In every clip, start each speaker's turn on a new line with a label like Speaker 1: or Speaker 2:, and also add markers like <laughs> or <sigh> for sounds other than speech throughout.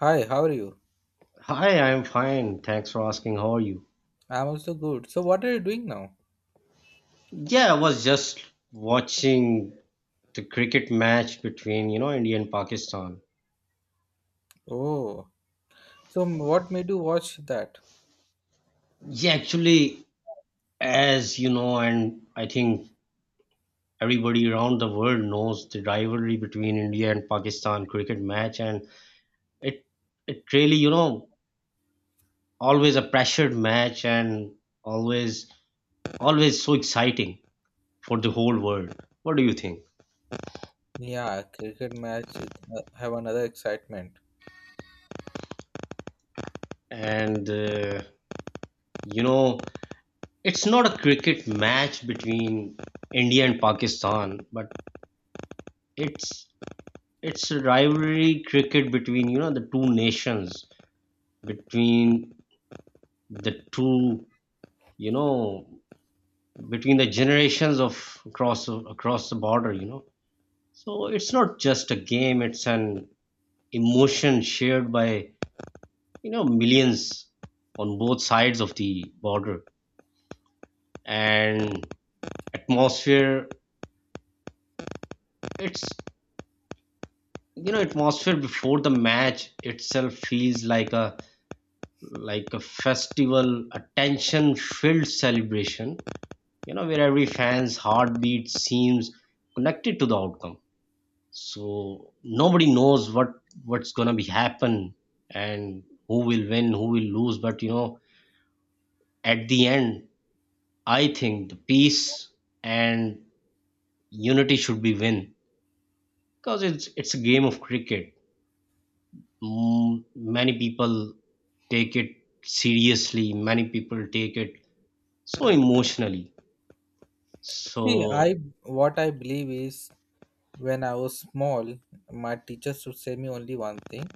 Speaker 1: Hi, how are you?
Speaker 2: Hi, I'm fine. Thanks for asking. How are you?
Speaker 1: I'm also good. So, what are you doing now?
Speaker 2: Yeah, I was just watching the cricket match between, India and Pakistan.
Speaker 1: Oh, what made you watch that?
Speaker 2: Yeah, actually, as you know, and I think everybody around the world knows the rivalry between India and Pakistan cricket match, and it it really, always a pressured match and always always so exciting for the whole world. What do you think?
Speaker 1: Yeah, cricket match it, have another excitement.
Speaker 2: And you know, it's not a cricket match between India and Pakistan, but it's it's a rivalry cricket between the two nations, between the two, you know, between the generations of across the border. You know, so it's not just a game; it's an emotion shared by millions on both sides of the border and atmosphere. It's, you know, atmosphere before the match itself feels like a festival, a tension filled celebration, you know, where every fan's heartbeat seems connected to the outcome. So nobody knows what what's gonna be happen. And who will win, who will lose, but you know, at the end I think the peace and unity should be win, because it's a game of cricket. mm, Many people take it seriously, many people take it so emotionally,
Speaker 1: See,
Speaker 2: so
Speaker 1: I what I believe is when I was small, my teachers would say me only one thing: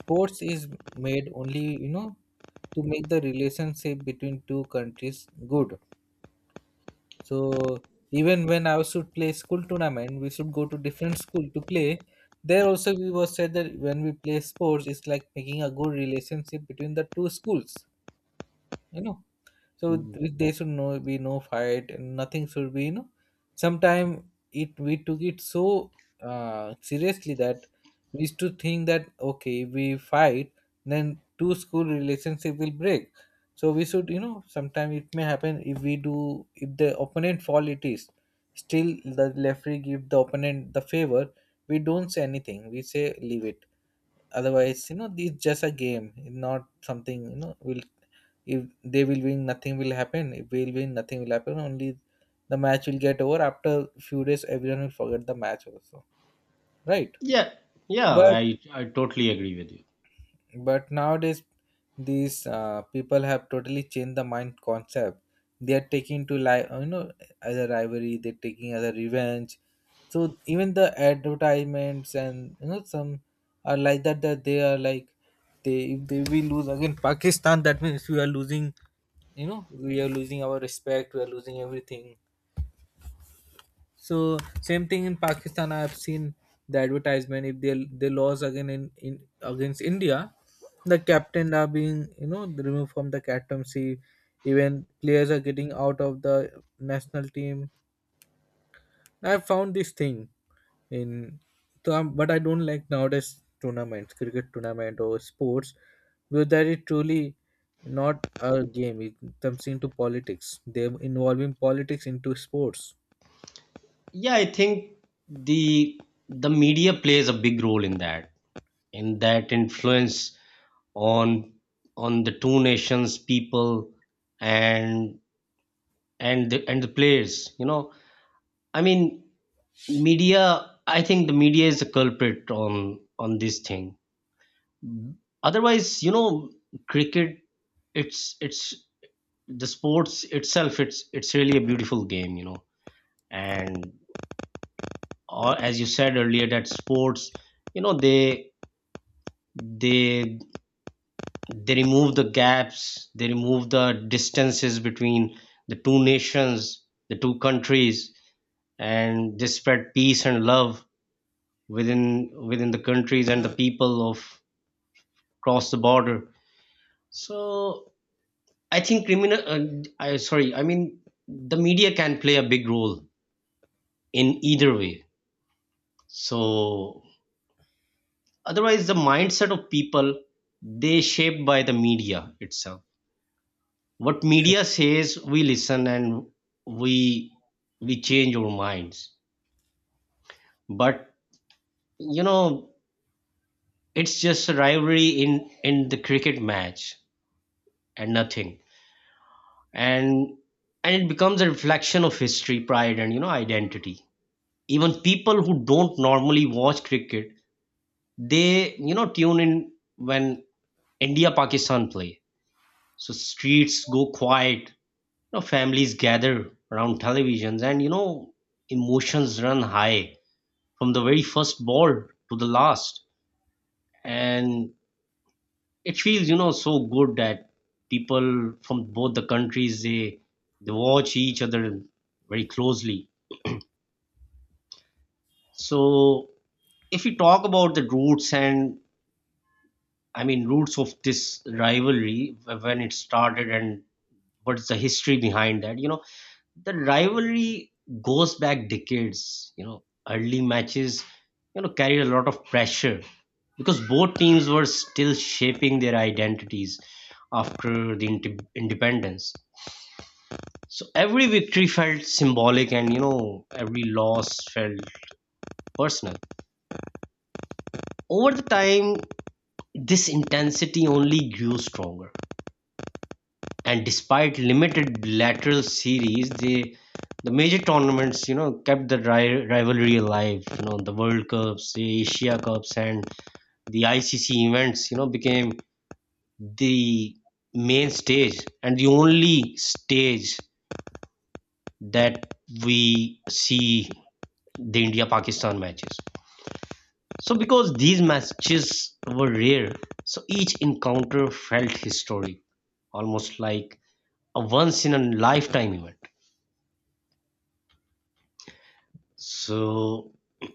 Speaker 1: sports is made only you know to make the relationship between two countries good. So even when I was to play school tournament, we should go to different school to play. There also we was said that when we play sports, it's like making a good relationship between the two schools. You know, so
Speaker 2: mm,
Speaker 1: there should no be no fight and nothing should be, you know, sometime it we took it so seriously that we used to think that okay if we fight then two school relationship will break, so we should, you know, sometime it may happen if we do if the opponent fall it is still the referee give the opponent the favor, we don't say anything, we say leave it. Otherwise, you know, it's just a game, not something, you know, will if they will win, nothing will happen. If we'll win, nothing will happen. Only the match will get over after few days everyone will forget the match also. Right.
Speaker 2: yeah, yeah,
Speaker 1: But
Speaker 2: I totally agree with you.
Speaker 1: but nowadays these people have totally changed the mind concept, they are taking to lie, you know, as a rivalry they're taking as a revenge, so even the advertisements and you know some are like that, that they are like they if they we lose again Pakistan that means we are losing, you know, we are losing our respect, we are losing everything. So same thing in Pakistan. I have seen the advertisement. If they lost again in against India, the captain are being you know removed from the captaincy. Even players are getting out of the national team. I have found this thing in. So I but I don't like nowadays tournaments, cricket tournament or sports, because that is truly not a game. It comes into politics. They're involving politics into sports.
Speaker 2: Yeah, I think the the media plays a big role in that, influence on the two nations people, and and the players, I mean media, I think the media is a culprit on this thing. Mhm. Otherwise, you know, cricket, it's the sports itself, it's really a beautiful game, you know. And or as you said earlier, that sports, you know, they they remove the gaps, they remove the distances between the two nations, the two countries, and they spread peace and love within the countries and the people of across the border. So I think criminal. I sorry. I mean, the media can play a big role in either way. So otherwise, the mindset of people, they shaped by the media itself. What media says, we listen, and we we change our minds. But you know, it's just a rivalry in the cricket match and nothing. And it becomes a reflection of history, pride, and, you know, identity. Even people who don't normally watch cricket, they, you know, tune in when India Pakistan play. So streets go quiet, you know, families gather around televisions, and, you know, emotions run high from the very first ball to the last. And it feels, you know, so good that people from both the countries, they watch each other very closely. So if we talk about the roots, and I mean, roots of this rivalry when it started and what's the history behind that. You know, the rivalry goes back decades. You know, early matches, you know, carried a lot of pressure because both teams were still shaping their identities after the independence. So every victory felt symbolic, and, you know, every loss felt personal. Over the time, this intensity only grew stronger, and despite limited lateral series, the major tournaments, you know, kept the rivalry alive. You know, the World Cups, the Asia Cups, and the ICC events, you know, became the main stage and the only stage that we see the India Pakistan matches. So, because these matches were rare, so each encounter felt historic, almost like a once in a lifetime event. So, <clears throat>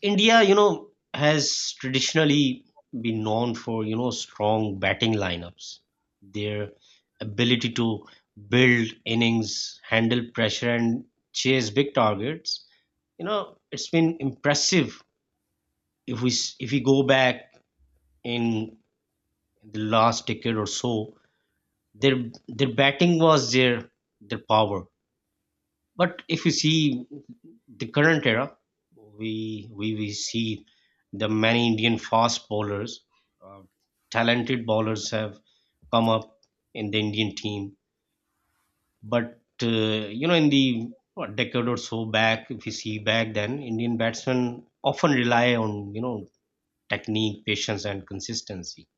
Speaker 2: India, you know, has traditionally been known for, you know, strong batting lineups. Their ability to build innings, handle pressure, and chase big targets. You know, it's been impressive if we if we go back in the last decade or so. Their batting was their power. But if you see the current era, we see the many Indian fast bowlers, uh, talented bowlers have come up in the Indian team. But you know, in the what, decade or so back, if you see back then, Indian batsmen often rely on, you know, technique, patience, and consistency.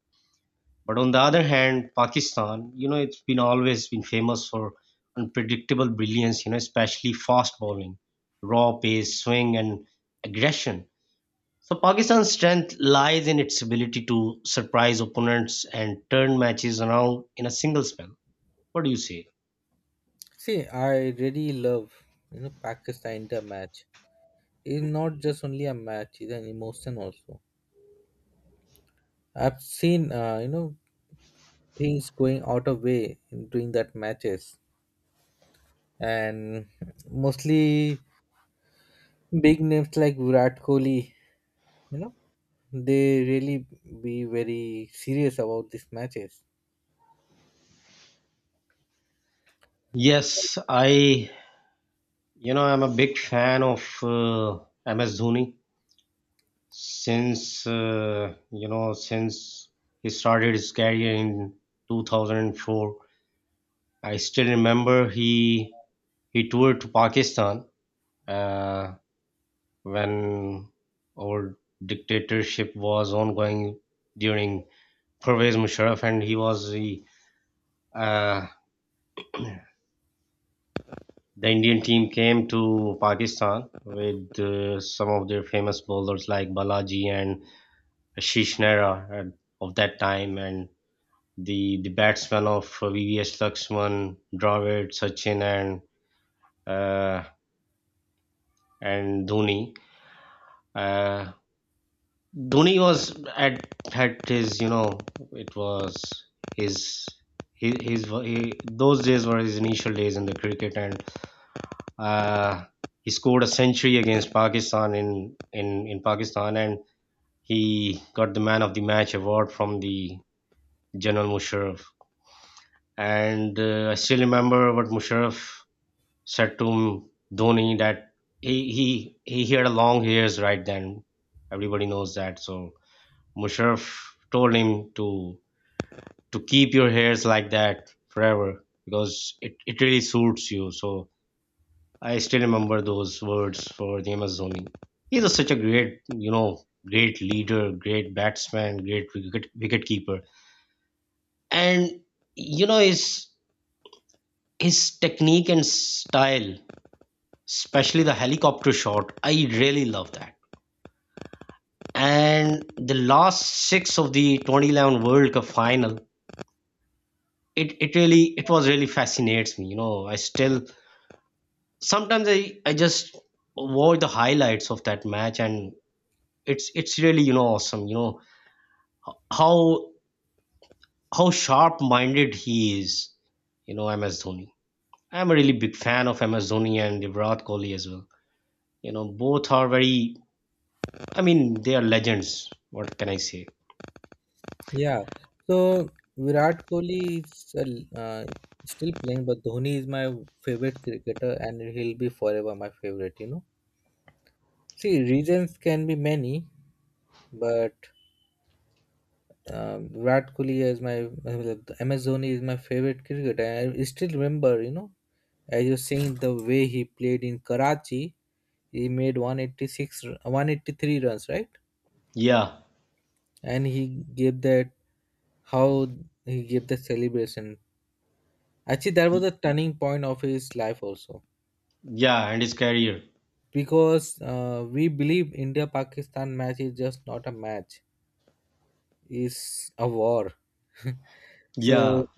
Speaker 2: But on the other hand, Pakistan, you know, it's been always been famous for unpredictable brilliance, you know, especially fast bowling, raw pace, swing, and aggression. So Pakistan's strength lies in its ability to surprise opponents and turn matches around in a single spell. What do you say?
Speaker 1: See, I really love you know Pakistan India match. It's not just only a match; it's an emotion also. I've seen you know things going out of way in doing that matches, and mostly big names like Virat Kohli. You know, they really be very serious about these matches.
Speaker 2: Yes, I, you know, I'm a big fan of MS Dhoni since, you know, since he started his career in 2004. I still remember he toured to Pakistan, uh, when our dictatorship was ongoing during Pervez Musharraf, and he was uh, the Indian team came to Pakistan with, some of their famous bowlers like Balaji and Ashish Nehra at- of that time, and the batsmen of VVS Lakshman, Dravid, Sachin, and uh, Dhoni. Uh, Dhoni was at his, you know, it was his his, his those days were his initial days in the cricket, and uh, he scored a century against Pakistan in Pakistan, and he got the man of the match award from the General Musharraf. And I still remember what Musharraf said to Dhoni that he he he had a long hairs right then, everybody knows that. So Musharraf told him to keep your hairs like that forever because it really suits you. So I still remember those words for the Amazoni. He a, such a great, you know, great leader, great batsman, great wicket, wicket keeper. And, you know, his technique and style, especially the helicopter shot, I really love that. And the last six of the 2011 World Cup final, it was really fascinates me, you know. I still sometimes I just watch the highlights of that match, and it's really, you know, awesome. You know how sharp minded he is, you know, MS Dhoni. I'm a really big fan of MS Dhoni and Virat Kohli as well. You know, both are very, I mean, they are legends. What can I say?
Speaker 1: Yeah. So Virat Kohli is still playing, but Dhoni is my favorite cricketer, and he'll be forever my favorite. You know. See, reasons can be many, but Virat Kohli is my Amazoni is my favorite cricketer. And I still remember, you know, as you're saying, the way he played in Karachi, he made 183 runs, right?
Speaker 2: Yeah,
Speaker 1: And he gave that how he gave the celebration. Actually, that was a turning point of his life also,
Speaker 2: yeah, and his career.
Speaker 1: because we believe India-Pakistan match is just not a match; it's a war.
Speaker 2: Yeah,
Speaker 1: So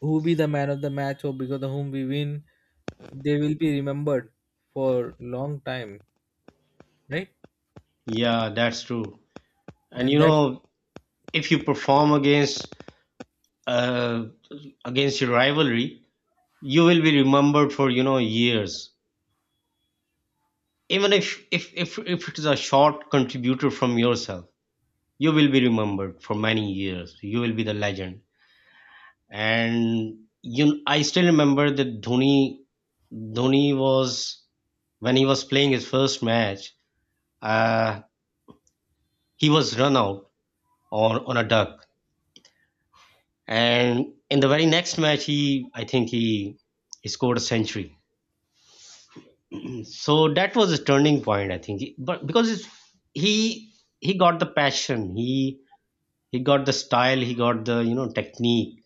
Speaker 1: who be the man of the match or because of whom we win, they will be remembered for long time, right?
Speaker 2: yeah, that's true. And
Speaker 1: And
Speaker 2: you
Speaker 1: that's
Speaker 2: know, if you perform against, uh against your rivalry, you will be remembered for, you know, years. Even if it is a short contributor from yourself, you will be remembered for many years. You will be the legend. And you, I still remember that Dhoni was when he was playing his first match, uh, he was run out on a duck, and in the very next match, he I think he scored a century. So that was a turning point I think, but because he got the passion, he got the style, he got the, you know, technique,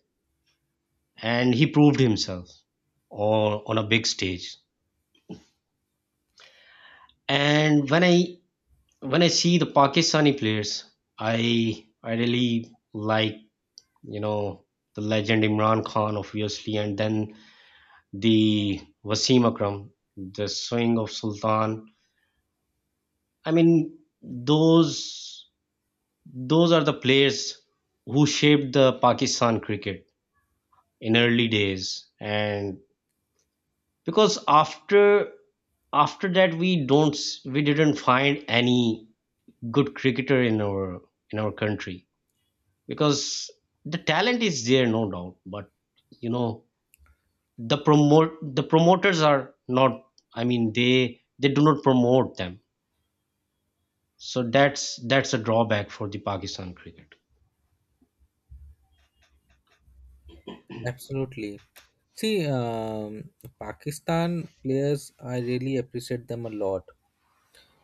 Speaker 2: and he proved himself on a big stage. And when I see the Pakistani players, I really like, you know, the legend Imran Khan obviously, and then the Wasim Akram, the swing of sultan. I mean, those are the players who shaped the Pakistan cricket in early days. And because after that we don't we didn't find any good cricketer in our country, because the talent is there no doubt, but you know, the promoters are not, I mean, they do not promote them. So that's a drawback for the Pakistan cricket.
Speaker 1: absolutely. See, Pakistan players, I really appreciate them a lot.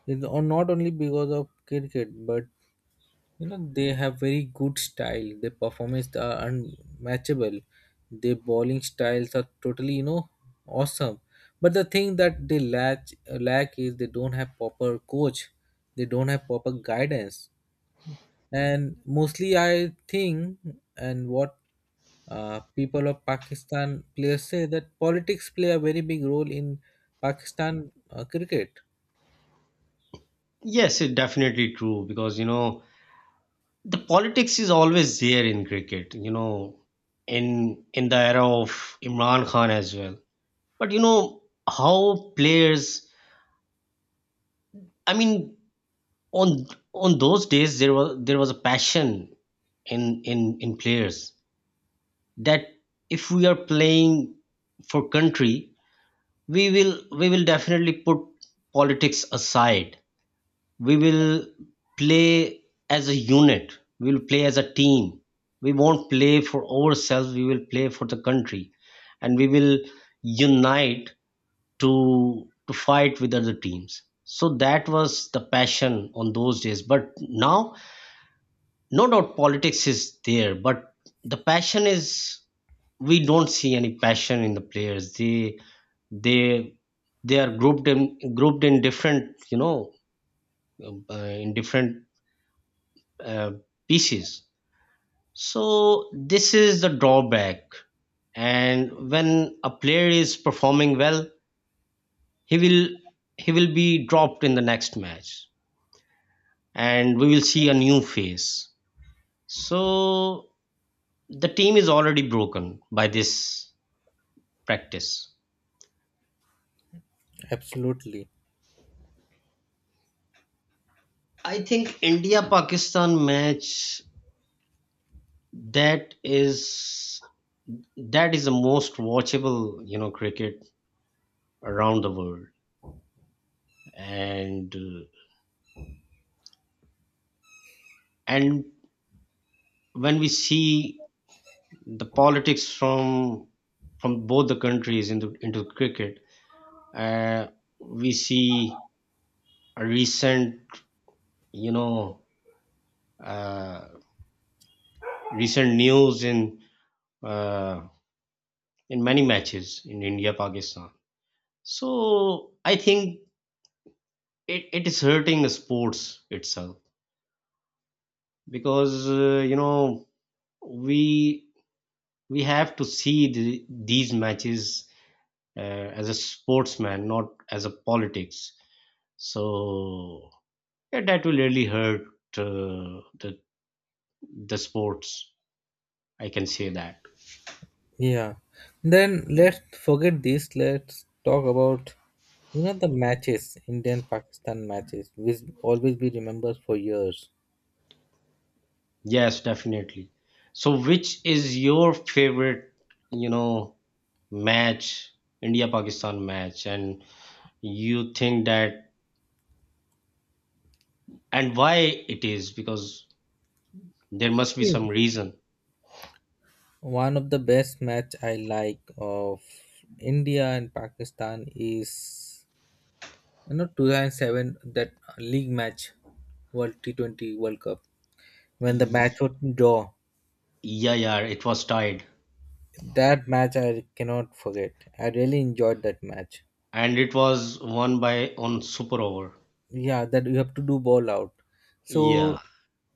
Speaker 1: It's not only because of cricket, but you know they have very good style, their performance are unmatchable, their bowling styles are totally, you know, awesome, but the thing that they lack lack is they don't have proper coach, they don't have proper guidance, and mostly I think and what people of Pakistan players say that politics play a very big role in Pakistan cricket
Speaker 2: Yes, it's definitely true because you know, the politics is always there in cricket, you know, in the era of Imran Khan as well. But you know, how players, I mean, on those days there was a passion in in players that if we are playing for country, we will we will definitely put politics aside. We will play as a unit, we will play as a team. We won't play for ourselves, we will play for the country. And we will unite to fight with other teams. So that was the passion on those days, but now, no doubt politics is there, but the passion is, we don't see any passion in the players. They they they are grouped in different, you know, in different, uh, pieces. So this is the drawback. And when a player is performing well, he will he will be dropped in the next match, and we will see a new face. So the team is already broken by this practice.
Speaker 1: absolutely.
Speaker 2: I think India Pakistan match, that is that is the most watchable, you know, cricket around the world. And uh, and when we see the politics from both the countries into cricket, uh, we see a recent, you know, uh, recent news in, uh, in many matches in India Pakistan. So I think it is hurting the sports itself because we we have to see these matches uh, as a sportsman, not as a politics. So yeah, that will really hurt uh, the the sports. I can say that.
Speaker 1: Yeah. Then let's forget this. Let's talk about you know the matches, Indian Pakistan matches, which always be remembered for years.
Speaker 2: Yes, definitely. So which is your favorite, you know, match, India Pakistan match, and you think that and why it is? Because there must be
Speaker 1: Yeah.
Speaker 2: some reason.
Speaker 1: One of the best match I like of India and Pakistan is you know 2007 that league match, World T20 World Cup when the match
Speaker 2: Y-
Speaker 1: was draw.
Speaker 2: yeah, it was tied,
Speaker 1: That match I cannot forget. I really enjoyed that match.
Speaker 2: and it was won by on super over.
Speaker 1: Yeah, that you have to do ball out.
Speaker 2: Yeah.
Speaker 1: So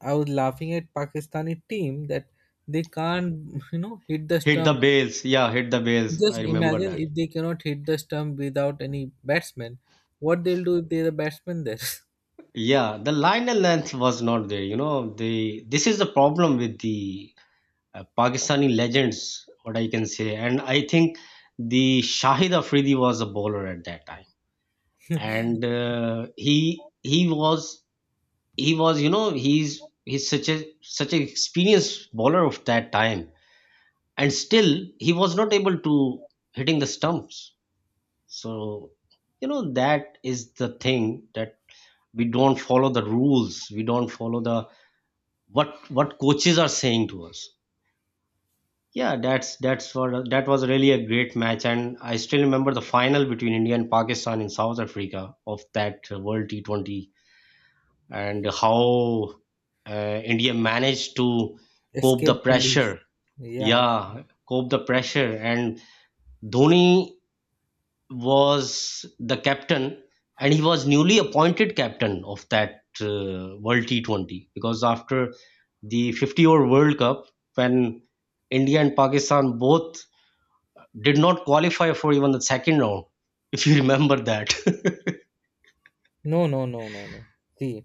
Speaker 1: I was laughing at Pakistani team that they can't, <laughs> you know, hit the
Speaker 2: Hit the
Speaker 1: stump.
Speaker 2: bails. Yeah, hit the bails. I
Speaker 1: Just
Speaker 2: remember
Speaker 1: imagine
Speaker 2: that.
Speaker 1: if they cannot hit the stump without any batsman, what they'll do if they're a batsman there?
Speaker 2: Yeah, the Lionel length was not there. You know, the this is the problem with the Pakistani legends, what I can say. And I think the Shahid Afridi was a bowler at that time,
Speaker 1: <laughs>
Speaker 2: and he was he's such a such an experienced bowler of that time, and still he was not able to hitting the stumps. So you know that is the thing that we don't follow the rules. We don't follow the what coaches are saying to us. Yeah, that's what that was really a great match, and I still remember the final between India and Pakistan in South Africa of that world T20, and how India managed to cope the
Speaker 1: Escape the loose.
Speaker 2: pressure.
Speaker 1: Yeah.
Speaker 2: Yeah, cope the pressure. And Dhoni was the captain, and he was newly appointed captain of that World T20, because after the 50 over World Cup, when India and Pakistan both did not qualify for even the second round, <laughs> if you remember that,
Speaker 1: No, no, no, no, no. See,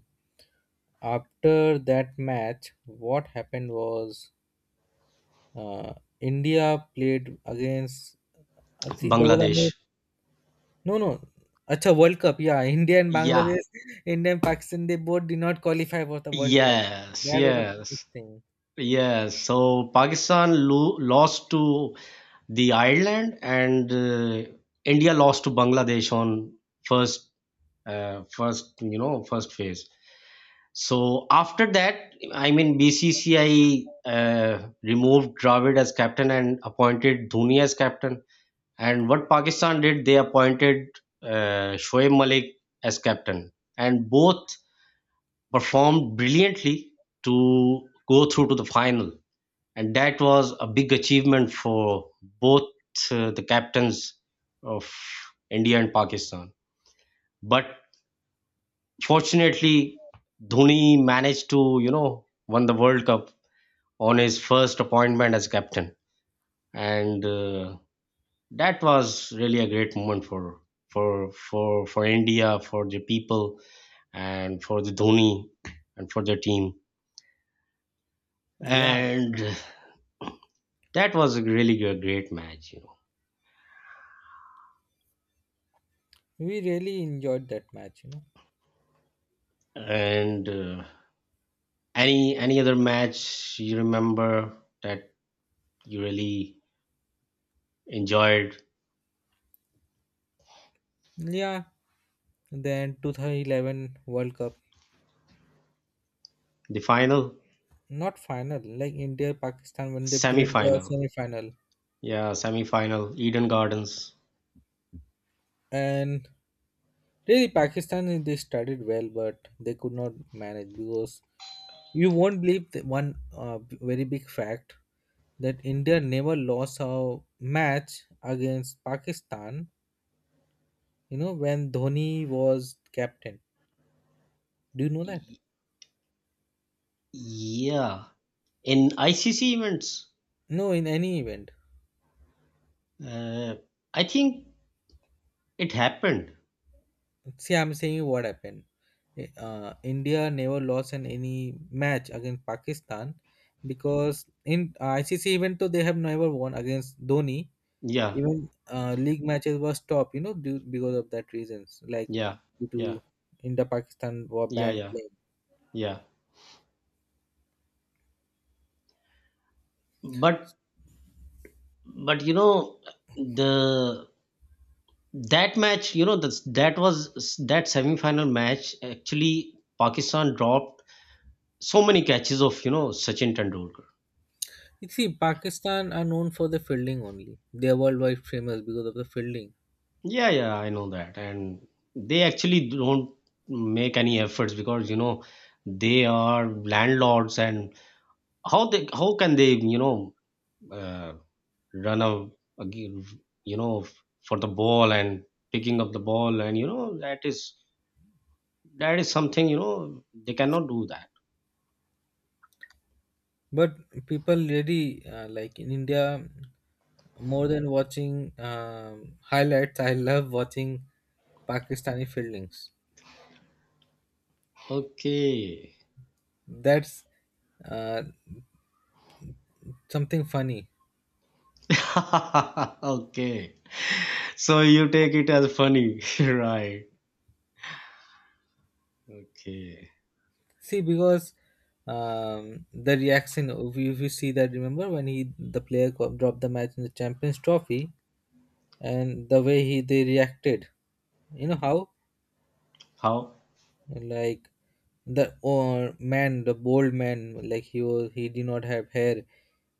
Speaker 1: after that match, what happened was uh, India played against.
Speaker 2: <laughs>
Speaker 1: See, there was
Speaker 2: Bangladesh.
Speaker 1: no, no. Acha World Cup. Yeah, India and
Speaker 2: Yeah.
Speaker 1: Bangladesh, India and Pakistan, they both did not qualify for the World Cup.
Speaker 2: Yes,
Speaker 1: That was the biggest
Speaker 2: yes,
Speaker 1: thing.
Speaker 2: yes. So Pakistan lost to the Ireland, and India lost to Bangladesh on first first phase. So after that, I mean, BCCI removed Dravid as captain and appointed Dhoni as captain. And what Pakistan did, they appointed Shoaib Malik as captain, and both performed brilliantly to go through to the final. And that was a big achievement for both the captains of India and Pakistan. But fortunately, Dhoni managed to, you know, won the World Cup on his first appointment as captain. And that was really a great moment for for India, for the people, and for the Dhoni, and for the team.
Speaker 1: Yeah,
Speaker 2: And that was a really great match, you know.
Speaker 1: we really enjoyed that match, you know.
Speaker 2: And any other match you remember that you really enjoyed?
Speaker 1: Yeah, then 2011 World Cup,
Speaker 2: The final,
Speaker 1: not final, like India Pakistan when they
Speaker 2: semi
Speaker 1: played the
Speaker 2: final.
Speaker 1: semi final.
Speaker 2: Yeah, semi-final, Eden Gardens.
Speaker 1: And really, Pakistan they started well, but they could not manage because you won't believe the one very big fact that India never lost a match against Pakistan, you know, when Dhoni was captain. Do you know that?
Speaker 2: Y- Yeah, in ICC events,
Speaker 1: No, in any event.
Speaker 2: uh, I think it happened.
Speaker 1: See, I'm saying you what happened. India never lost in any match against Pakistan because in ICC event, though they have never won against Dhoni,
Speaker 2: Yeah,
Speaker 1: even league matches were stopped, you know, due, because of that reasons, like
Speaker 2: yeah,
Speaker 1: due to
Speaker 2: yeah,
Speaker 1: India-Pakistan were
Speaker 2: yeah,
Speaker 1: banned
Speaker 2: yeah,
Speaker 1: playing.
Speaker 2: yeah. But but you know the that match, you know, that that was that semi-final match. Actually, Pakistan dropped so many catches of, you know, Sachin Tendulkar.
Speaker 1: You see, Pakistan are known for the fielding only. They are worldwide famous because of the fielding.
Speaker 2: Yeah, yeah, I know that. And they actually don't make any efforts because, you know, they are landlords. And how they how can they, you know, uh, run a, a g- you know, for the ball and picking up the ball and, you know, that is something, you know, they cannot do that.
Speaker 1: But people really like in India more than watching highlights. I love watching Pakistani fieldings.
Speaker 2: Okay. <laughs>
Speaker 1: That's uh, something funny.
Speaker 2: Okay. So you take it as funny, <laughs> right? Okay.
Speaker 1: See, because the reaction, if if you see that, remember when he the player dropped the match in the Champions Trophy, and the way he they reacted, you know how
Speaker 2: How?
Speaker 1: like the or man, the bold man, like he was he did not have hair,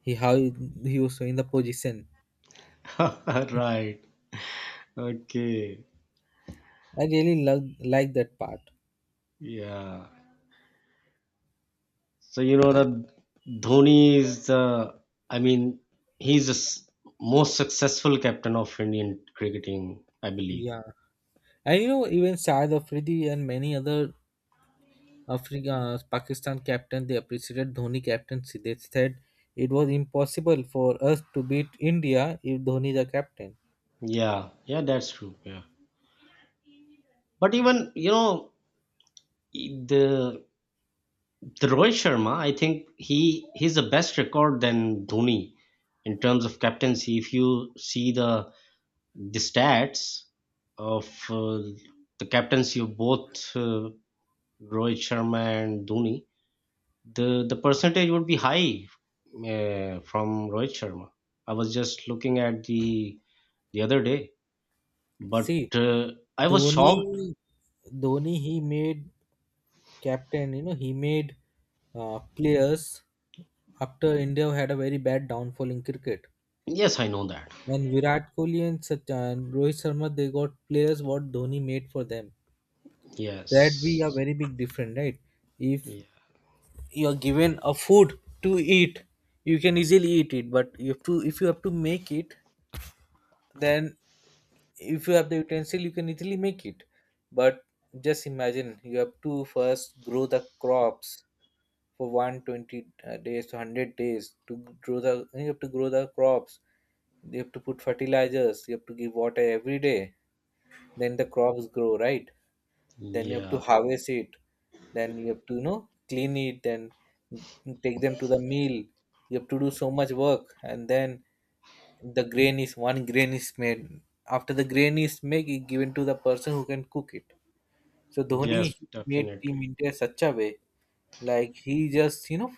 Speaker 1: he how he was in the position.
Speaker 2: <laughs> Right. Okay.
Speaker 1: I really love like that part.
Speaker 2: Yeah. So you know that Dhoni is the, I mean, he's the s- most successful captain of Indian cricketing, I believe.
Speaker 1: Yeah. And you know, even Saad Afridi and many other Africa, Pakistan captain, they appreciated Dhoni captaincy. They said it was impossible for us to beat India if Dhoni is the captain.
Speaker 2: Yeah, yeah, that's true. Yeah. But even, you know, e, the the Rohit Sharma, I think he's the best record than Dhoni in terms of captaincy. If you see the stats of the captaincy of both Rohit Sharma and Dhoni, the percentage would be high from Rohit Sharma. I was just looking at the other day, but
Speaker 1: See,
Speaker 2: I was shocked.
Speaker 1: Dhoni, Dhoni, he made captain. You know, he made players after India had a very bad downfall in cricket.
Speaker 2: Yes, I know that.
Speaker 1: And Virat Kohli and Sachin, Rohit Sharma, they got players what Dhoni made for them. That be a
Speaker 2: Yes,
Speaker 1: very big difference, right? If
Speaker 2: yeah,
Speaker 1: you are given a food to eat you can easily eat it, but you have to if you have to make it, then if you have the utensil you can easily make it, but just imagine you have to first grow the crops for 120 days to 100 days to grow the, you have to grow the crops, you have to put fertilizers, you have to give water every day, then the crops grow, right? Then you have to
Speaker 2: yeah,
Speaker 1: harvest it, then you have to you know clean it, then take them to the mill, you have to do so much work and then the grain is one grain is made, after the grain is made it given to the person who can cook it. So Dhoni
Speaker 2: yes,
Speaker 1: made team
Speaker 2: definitely.
Speaker 1: India such a way, like he just you know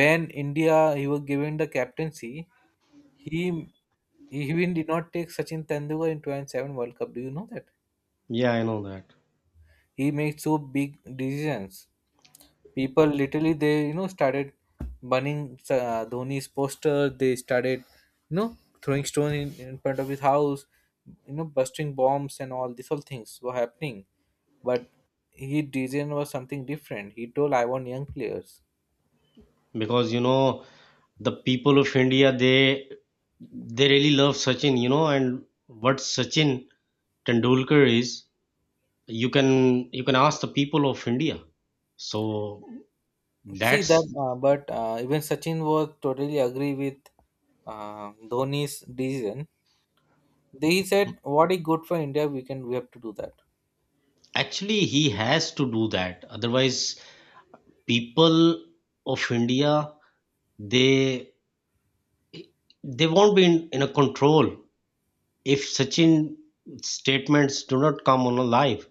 Speaker 1: when India he was given the captaincy, he he even did not take Sachin Tendulkar in 2007 World Cup, do you know that?
Speaker 2: Yeah, I know that
Speaker 1: He made so big decisions, people literally they you know started burning Dhoni's poster. They started you know throwing stone in front of his house, you know busting bombs and all these all things were happening. But he decision was something different. He told I want young players.
Speaker 2: because you know the people of India they really love Sachin, you know. And what Sachin Tendulkar is, you can ask the people of India. So
Speaker 1: See that,
Speaker 2: that's
Speaker 1: but even Sachin was totally agree with Dhoni's decision. They said, "What is good for India, we can we have to do that."
Speaker 2: Actually, he has to do that. Otherwise, people of India they they won't be in a control if Sachin statements do not come on a live.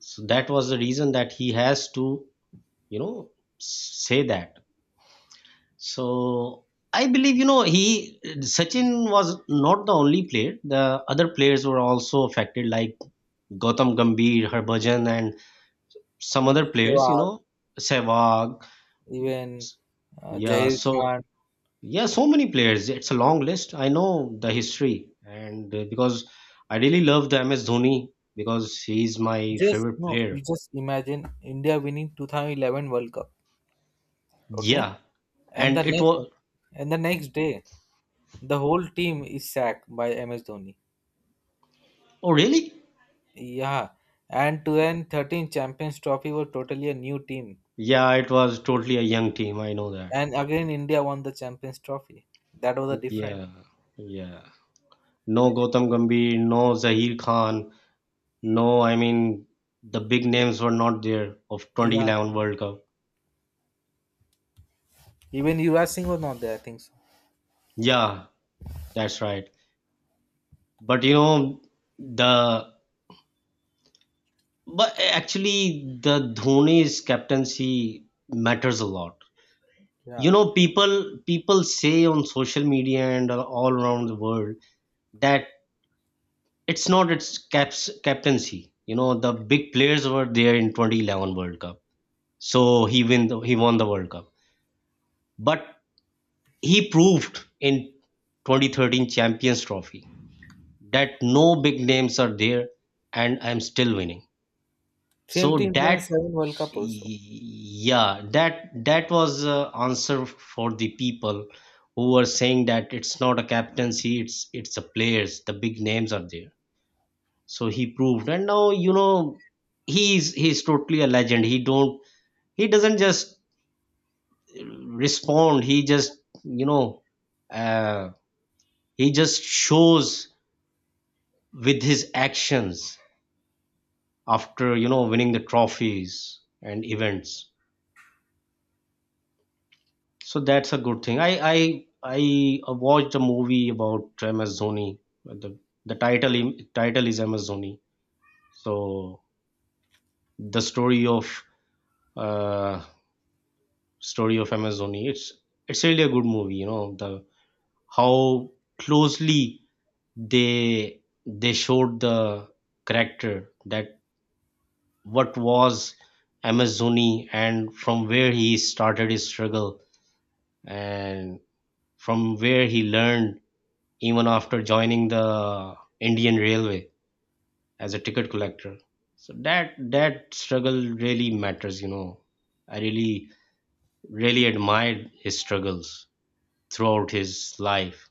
Speaker 2: So that was the reason that he has to, you know, say that. So I believe, you know, he Sachin was not the only player. The other players were also affected, like Gautam Gambhir, Harbhajan, and some other players, you
Speaker 1: Sehwag,
Speaker 2: know, Sehwag.
Speaker 1: even
Speaker 2: Yeah,
Speaker 1: Jahir
Speaker 2: so
Speaker 1: Khan,
Speaker 2: yeah, so many players. It's a long list. I know the history, and because I really love the MS Dhoni because he's my
Speaker 1: just
Speaker 2: favorite
Speaker 1: no, you
Speaker 2: player.
Speaker 1: just imagine India winning 2011 World Cup, okay?
Speaker 2: Yeah,
Speaker 1: And the
Speaker 2: and it
Speaker 1: next
Speaker 2: was
Speaker 1: and the next day, the whole team is sacked by MS Dhoni.
Speaker 2: oh really?
Speaker 1: Yeah, and 2013 Champions Trophy were totally a new team,
Speaker 2: Yeah, it was totally a young team. I know that.
Speaker 1: and again India won the Champions Trophy. That was a different.
Speaker 2: Yeah, yeah. No Gautam Gambhir, no Zaheer Khan, no. I mean, the big names were not there of
Speaker 1: Yeah,
Speaker 2: 2011 World Cup.
Speaker 1: even Yuvraj Singh was not there. I think so.
Speaker 2: Yeah, that's right. But you know, the But actually, the Dhoni's captaincy matters a lot. You
Speaker 1: Yeah,
Speaker 2: know, people say on social media and all around the world that it's not its caps, captaincy. You know, the big players were there in 2011 World Cup, so he won the World Cup. But he proved in 2013 Champions Trophy that no big names are there, and I'm still winning.
Speaker 1: same team
Speaker 2: So
Speaker 1: won
Speaker 2: that
Speaker 1: seven World Cup also.
Speaker 2: yeah that that was answer for the people who were saying that it's not a captaincy, it's the players, the big names are there. So he proved, and now you know he's totally a legend. He doesn't just respond, he just, you know, uh, he just shows with his actions after, you know, winning the trophies and events. So that's a good thing. I watched a movie about MS Dhoni. The title is MS Dhoni. So the uh story of MS Dhoni. It's really a good movie. You know the how closely they showed the character that what was MS Dhoni, and from where he started his struggle, and from where he learned, even after joining the Indian Railway as a ticket collector. So that that struggle really matters, you know. I really really admired his struggles throughout his life.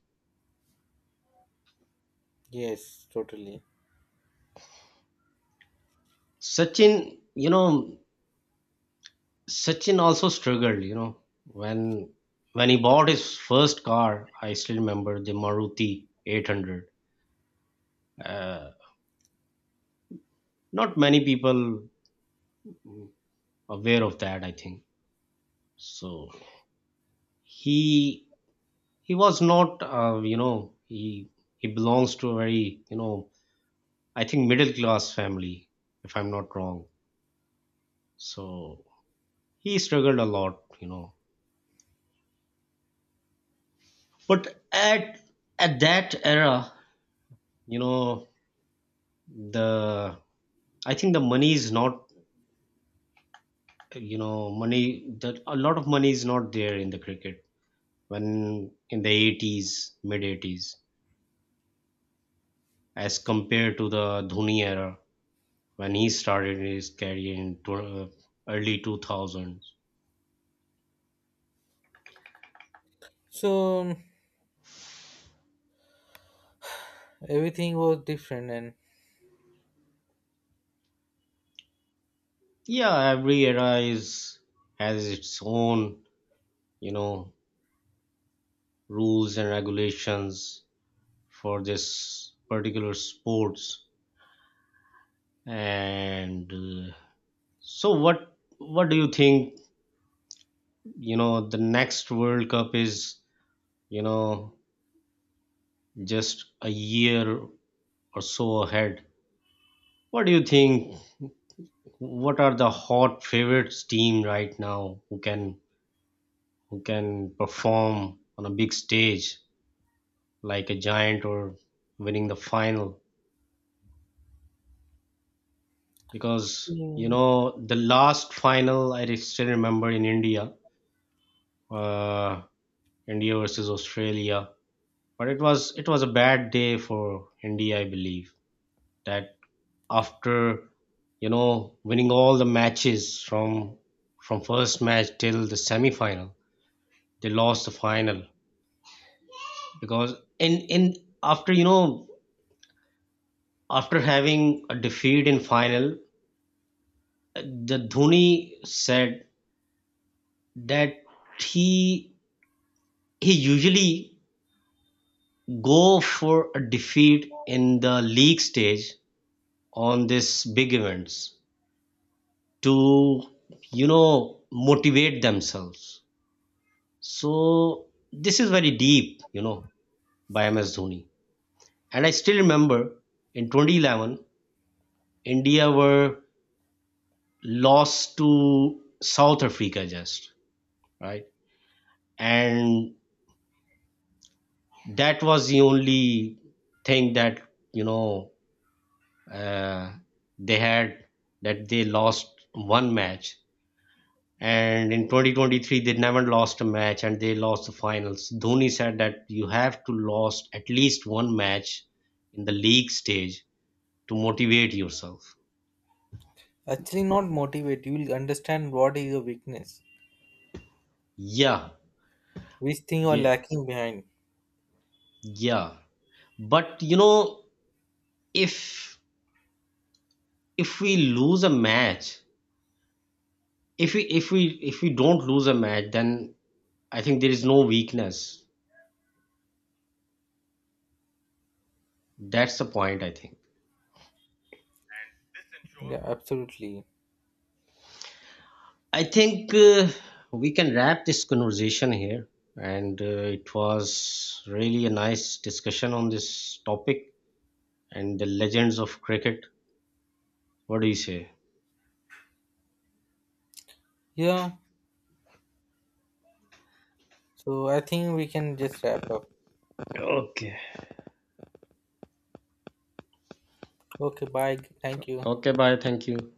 Speaker 1: Yes, totally.
Speaker 2: Sachin, you know, Sachin also struggled, you know, when he bought his first car, I still remember the Maruti 800. Uh, not many people aware of that, I think. So he he was not, you know, he belongs to a very, you know, I think middle class family, if I'm not wrong. So he struggled a lot, you know. But at that era, you know, the I think the money is not, you know, money that a lot of money is not there in the cricket when in the 80s, mid 80s, as compared to the Dhoni era when he started his career in early 2000s.
Speaker 1: So everything was different and.
Speaker 2: Yeah, every era is has its own, you know, rules and regulations for this particular sports. And so what do you think, you know, the next World Cup is, you know, just a year or so ahead. What do you think? What are the hot favorites team right now who can perform on a big stage? Like a giant, or winning the final. Because you
Speaker 1: Hmm.
Speaker 2: know the last final still remember in India, uh India versus Australia, but it was a bad day for India, I believe, that after, you know, winning all the matches from first match till the semi final, they lost the final. Because in after, you know, after having a defeat in final, the Dhoni said that he he usually go for a defeat in the league stage on these big events to, you know, motivate themselves. So this is very deep, you know, by MS Dhoni. And I still remember in 2011 India were lost to South Africa, just right, and that was the only thing that, you know, uh, they had, that they lost one match. And in 2023 they never lost a match, and they lost the finals. Dhoni said that you have to lost at least one match in the league stage to motivate yourself.
Speaker 1: Actually, not motivate. You will understand what is your weakness,
Speaker 2: Yeah,
Speaker 1: which thing you are
Speaker 2: yeah,
Speaker 1: lacking behind.
Speaker 2: yeah. But you know, if if we lose a match if we if we if we don't lose a match, then I think there is no weakness. That's the point, I think.
Speaker 1: Yeah, absolutely.
Speaker 2: I think we can wrap this conversation here. And it was really a nice discussion on this topic and the legends of cricket. What do you say?
Speaker 1: Yeah. So I think we can just wrap up.
Speaker 2: Okay.
Speaker 1: Okay. Bye. Thank you.
Speaker 2: Okay, bye. Thank you.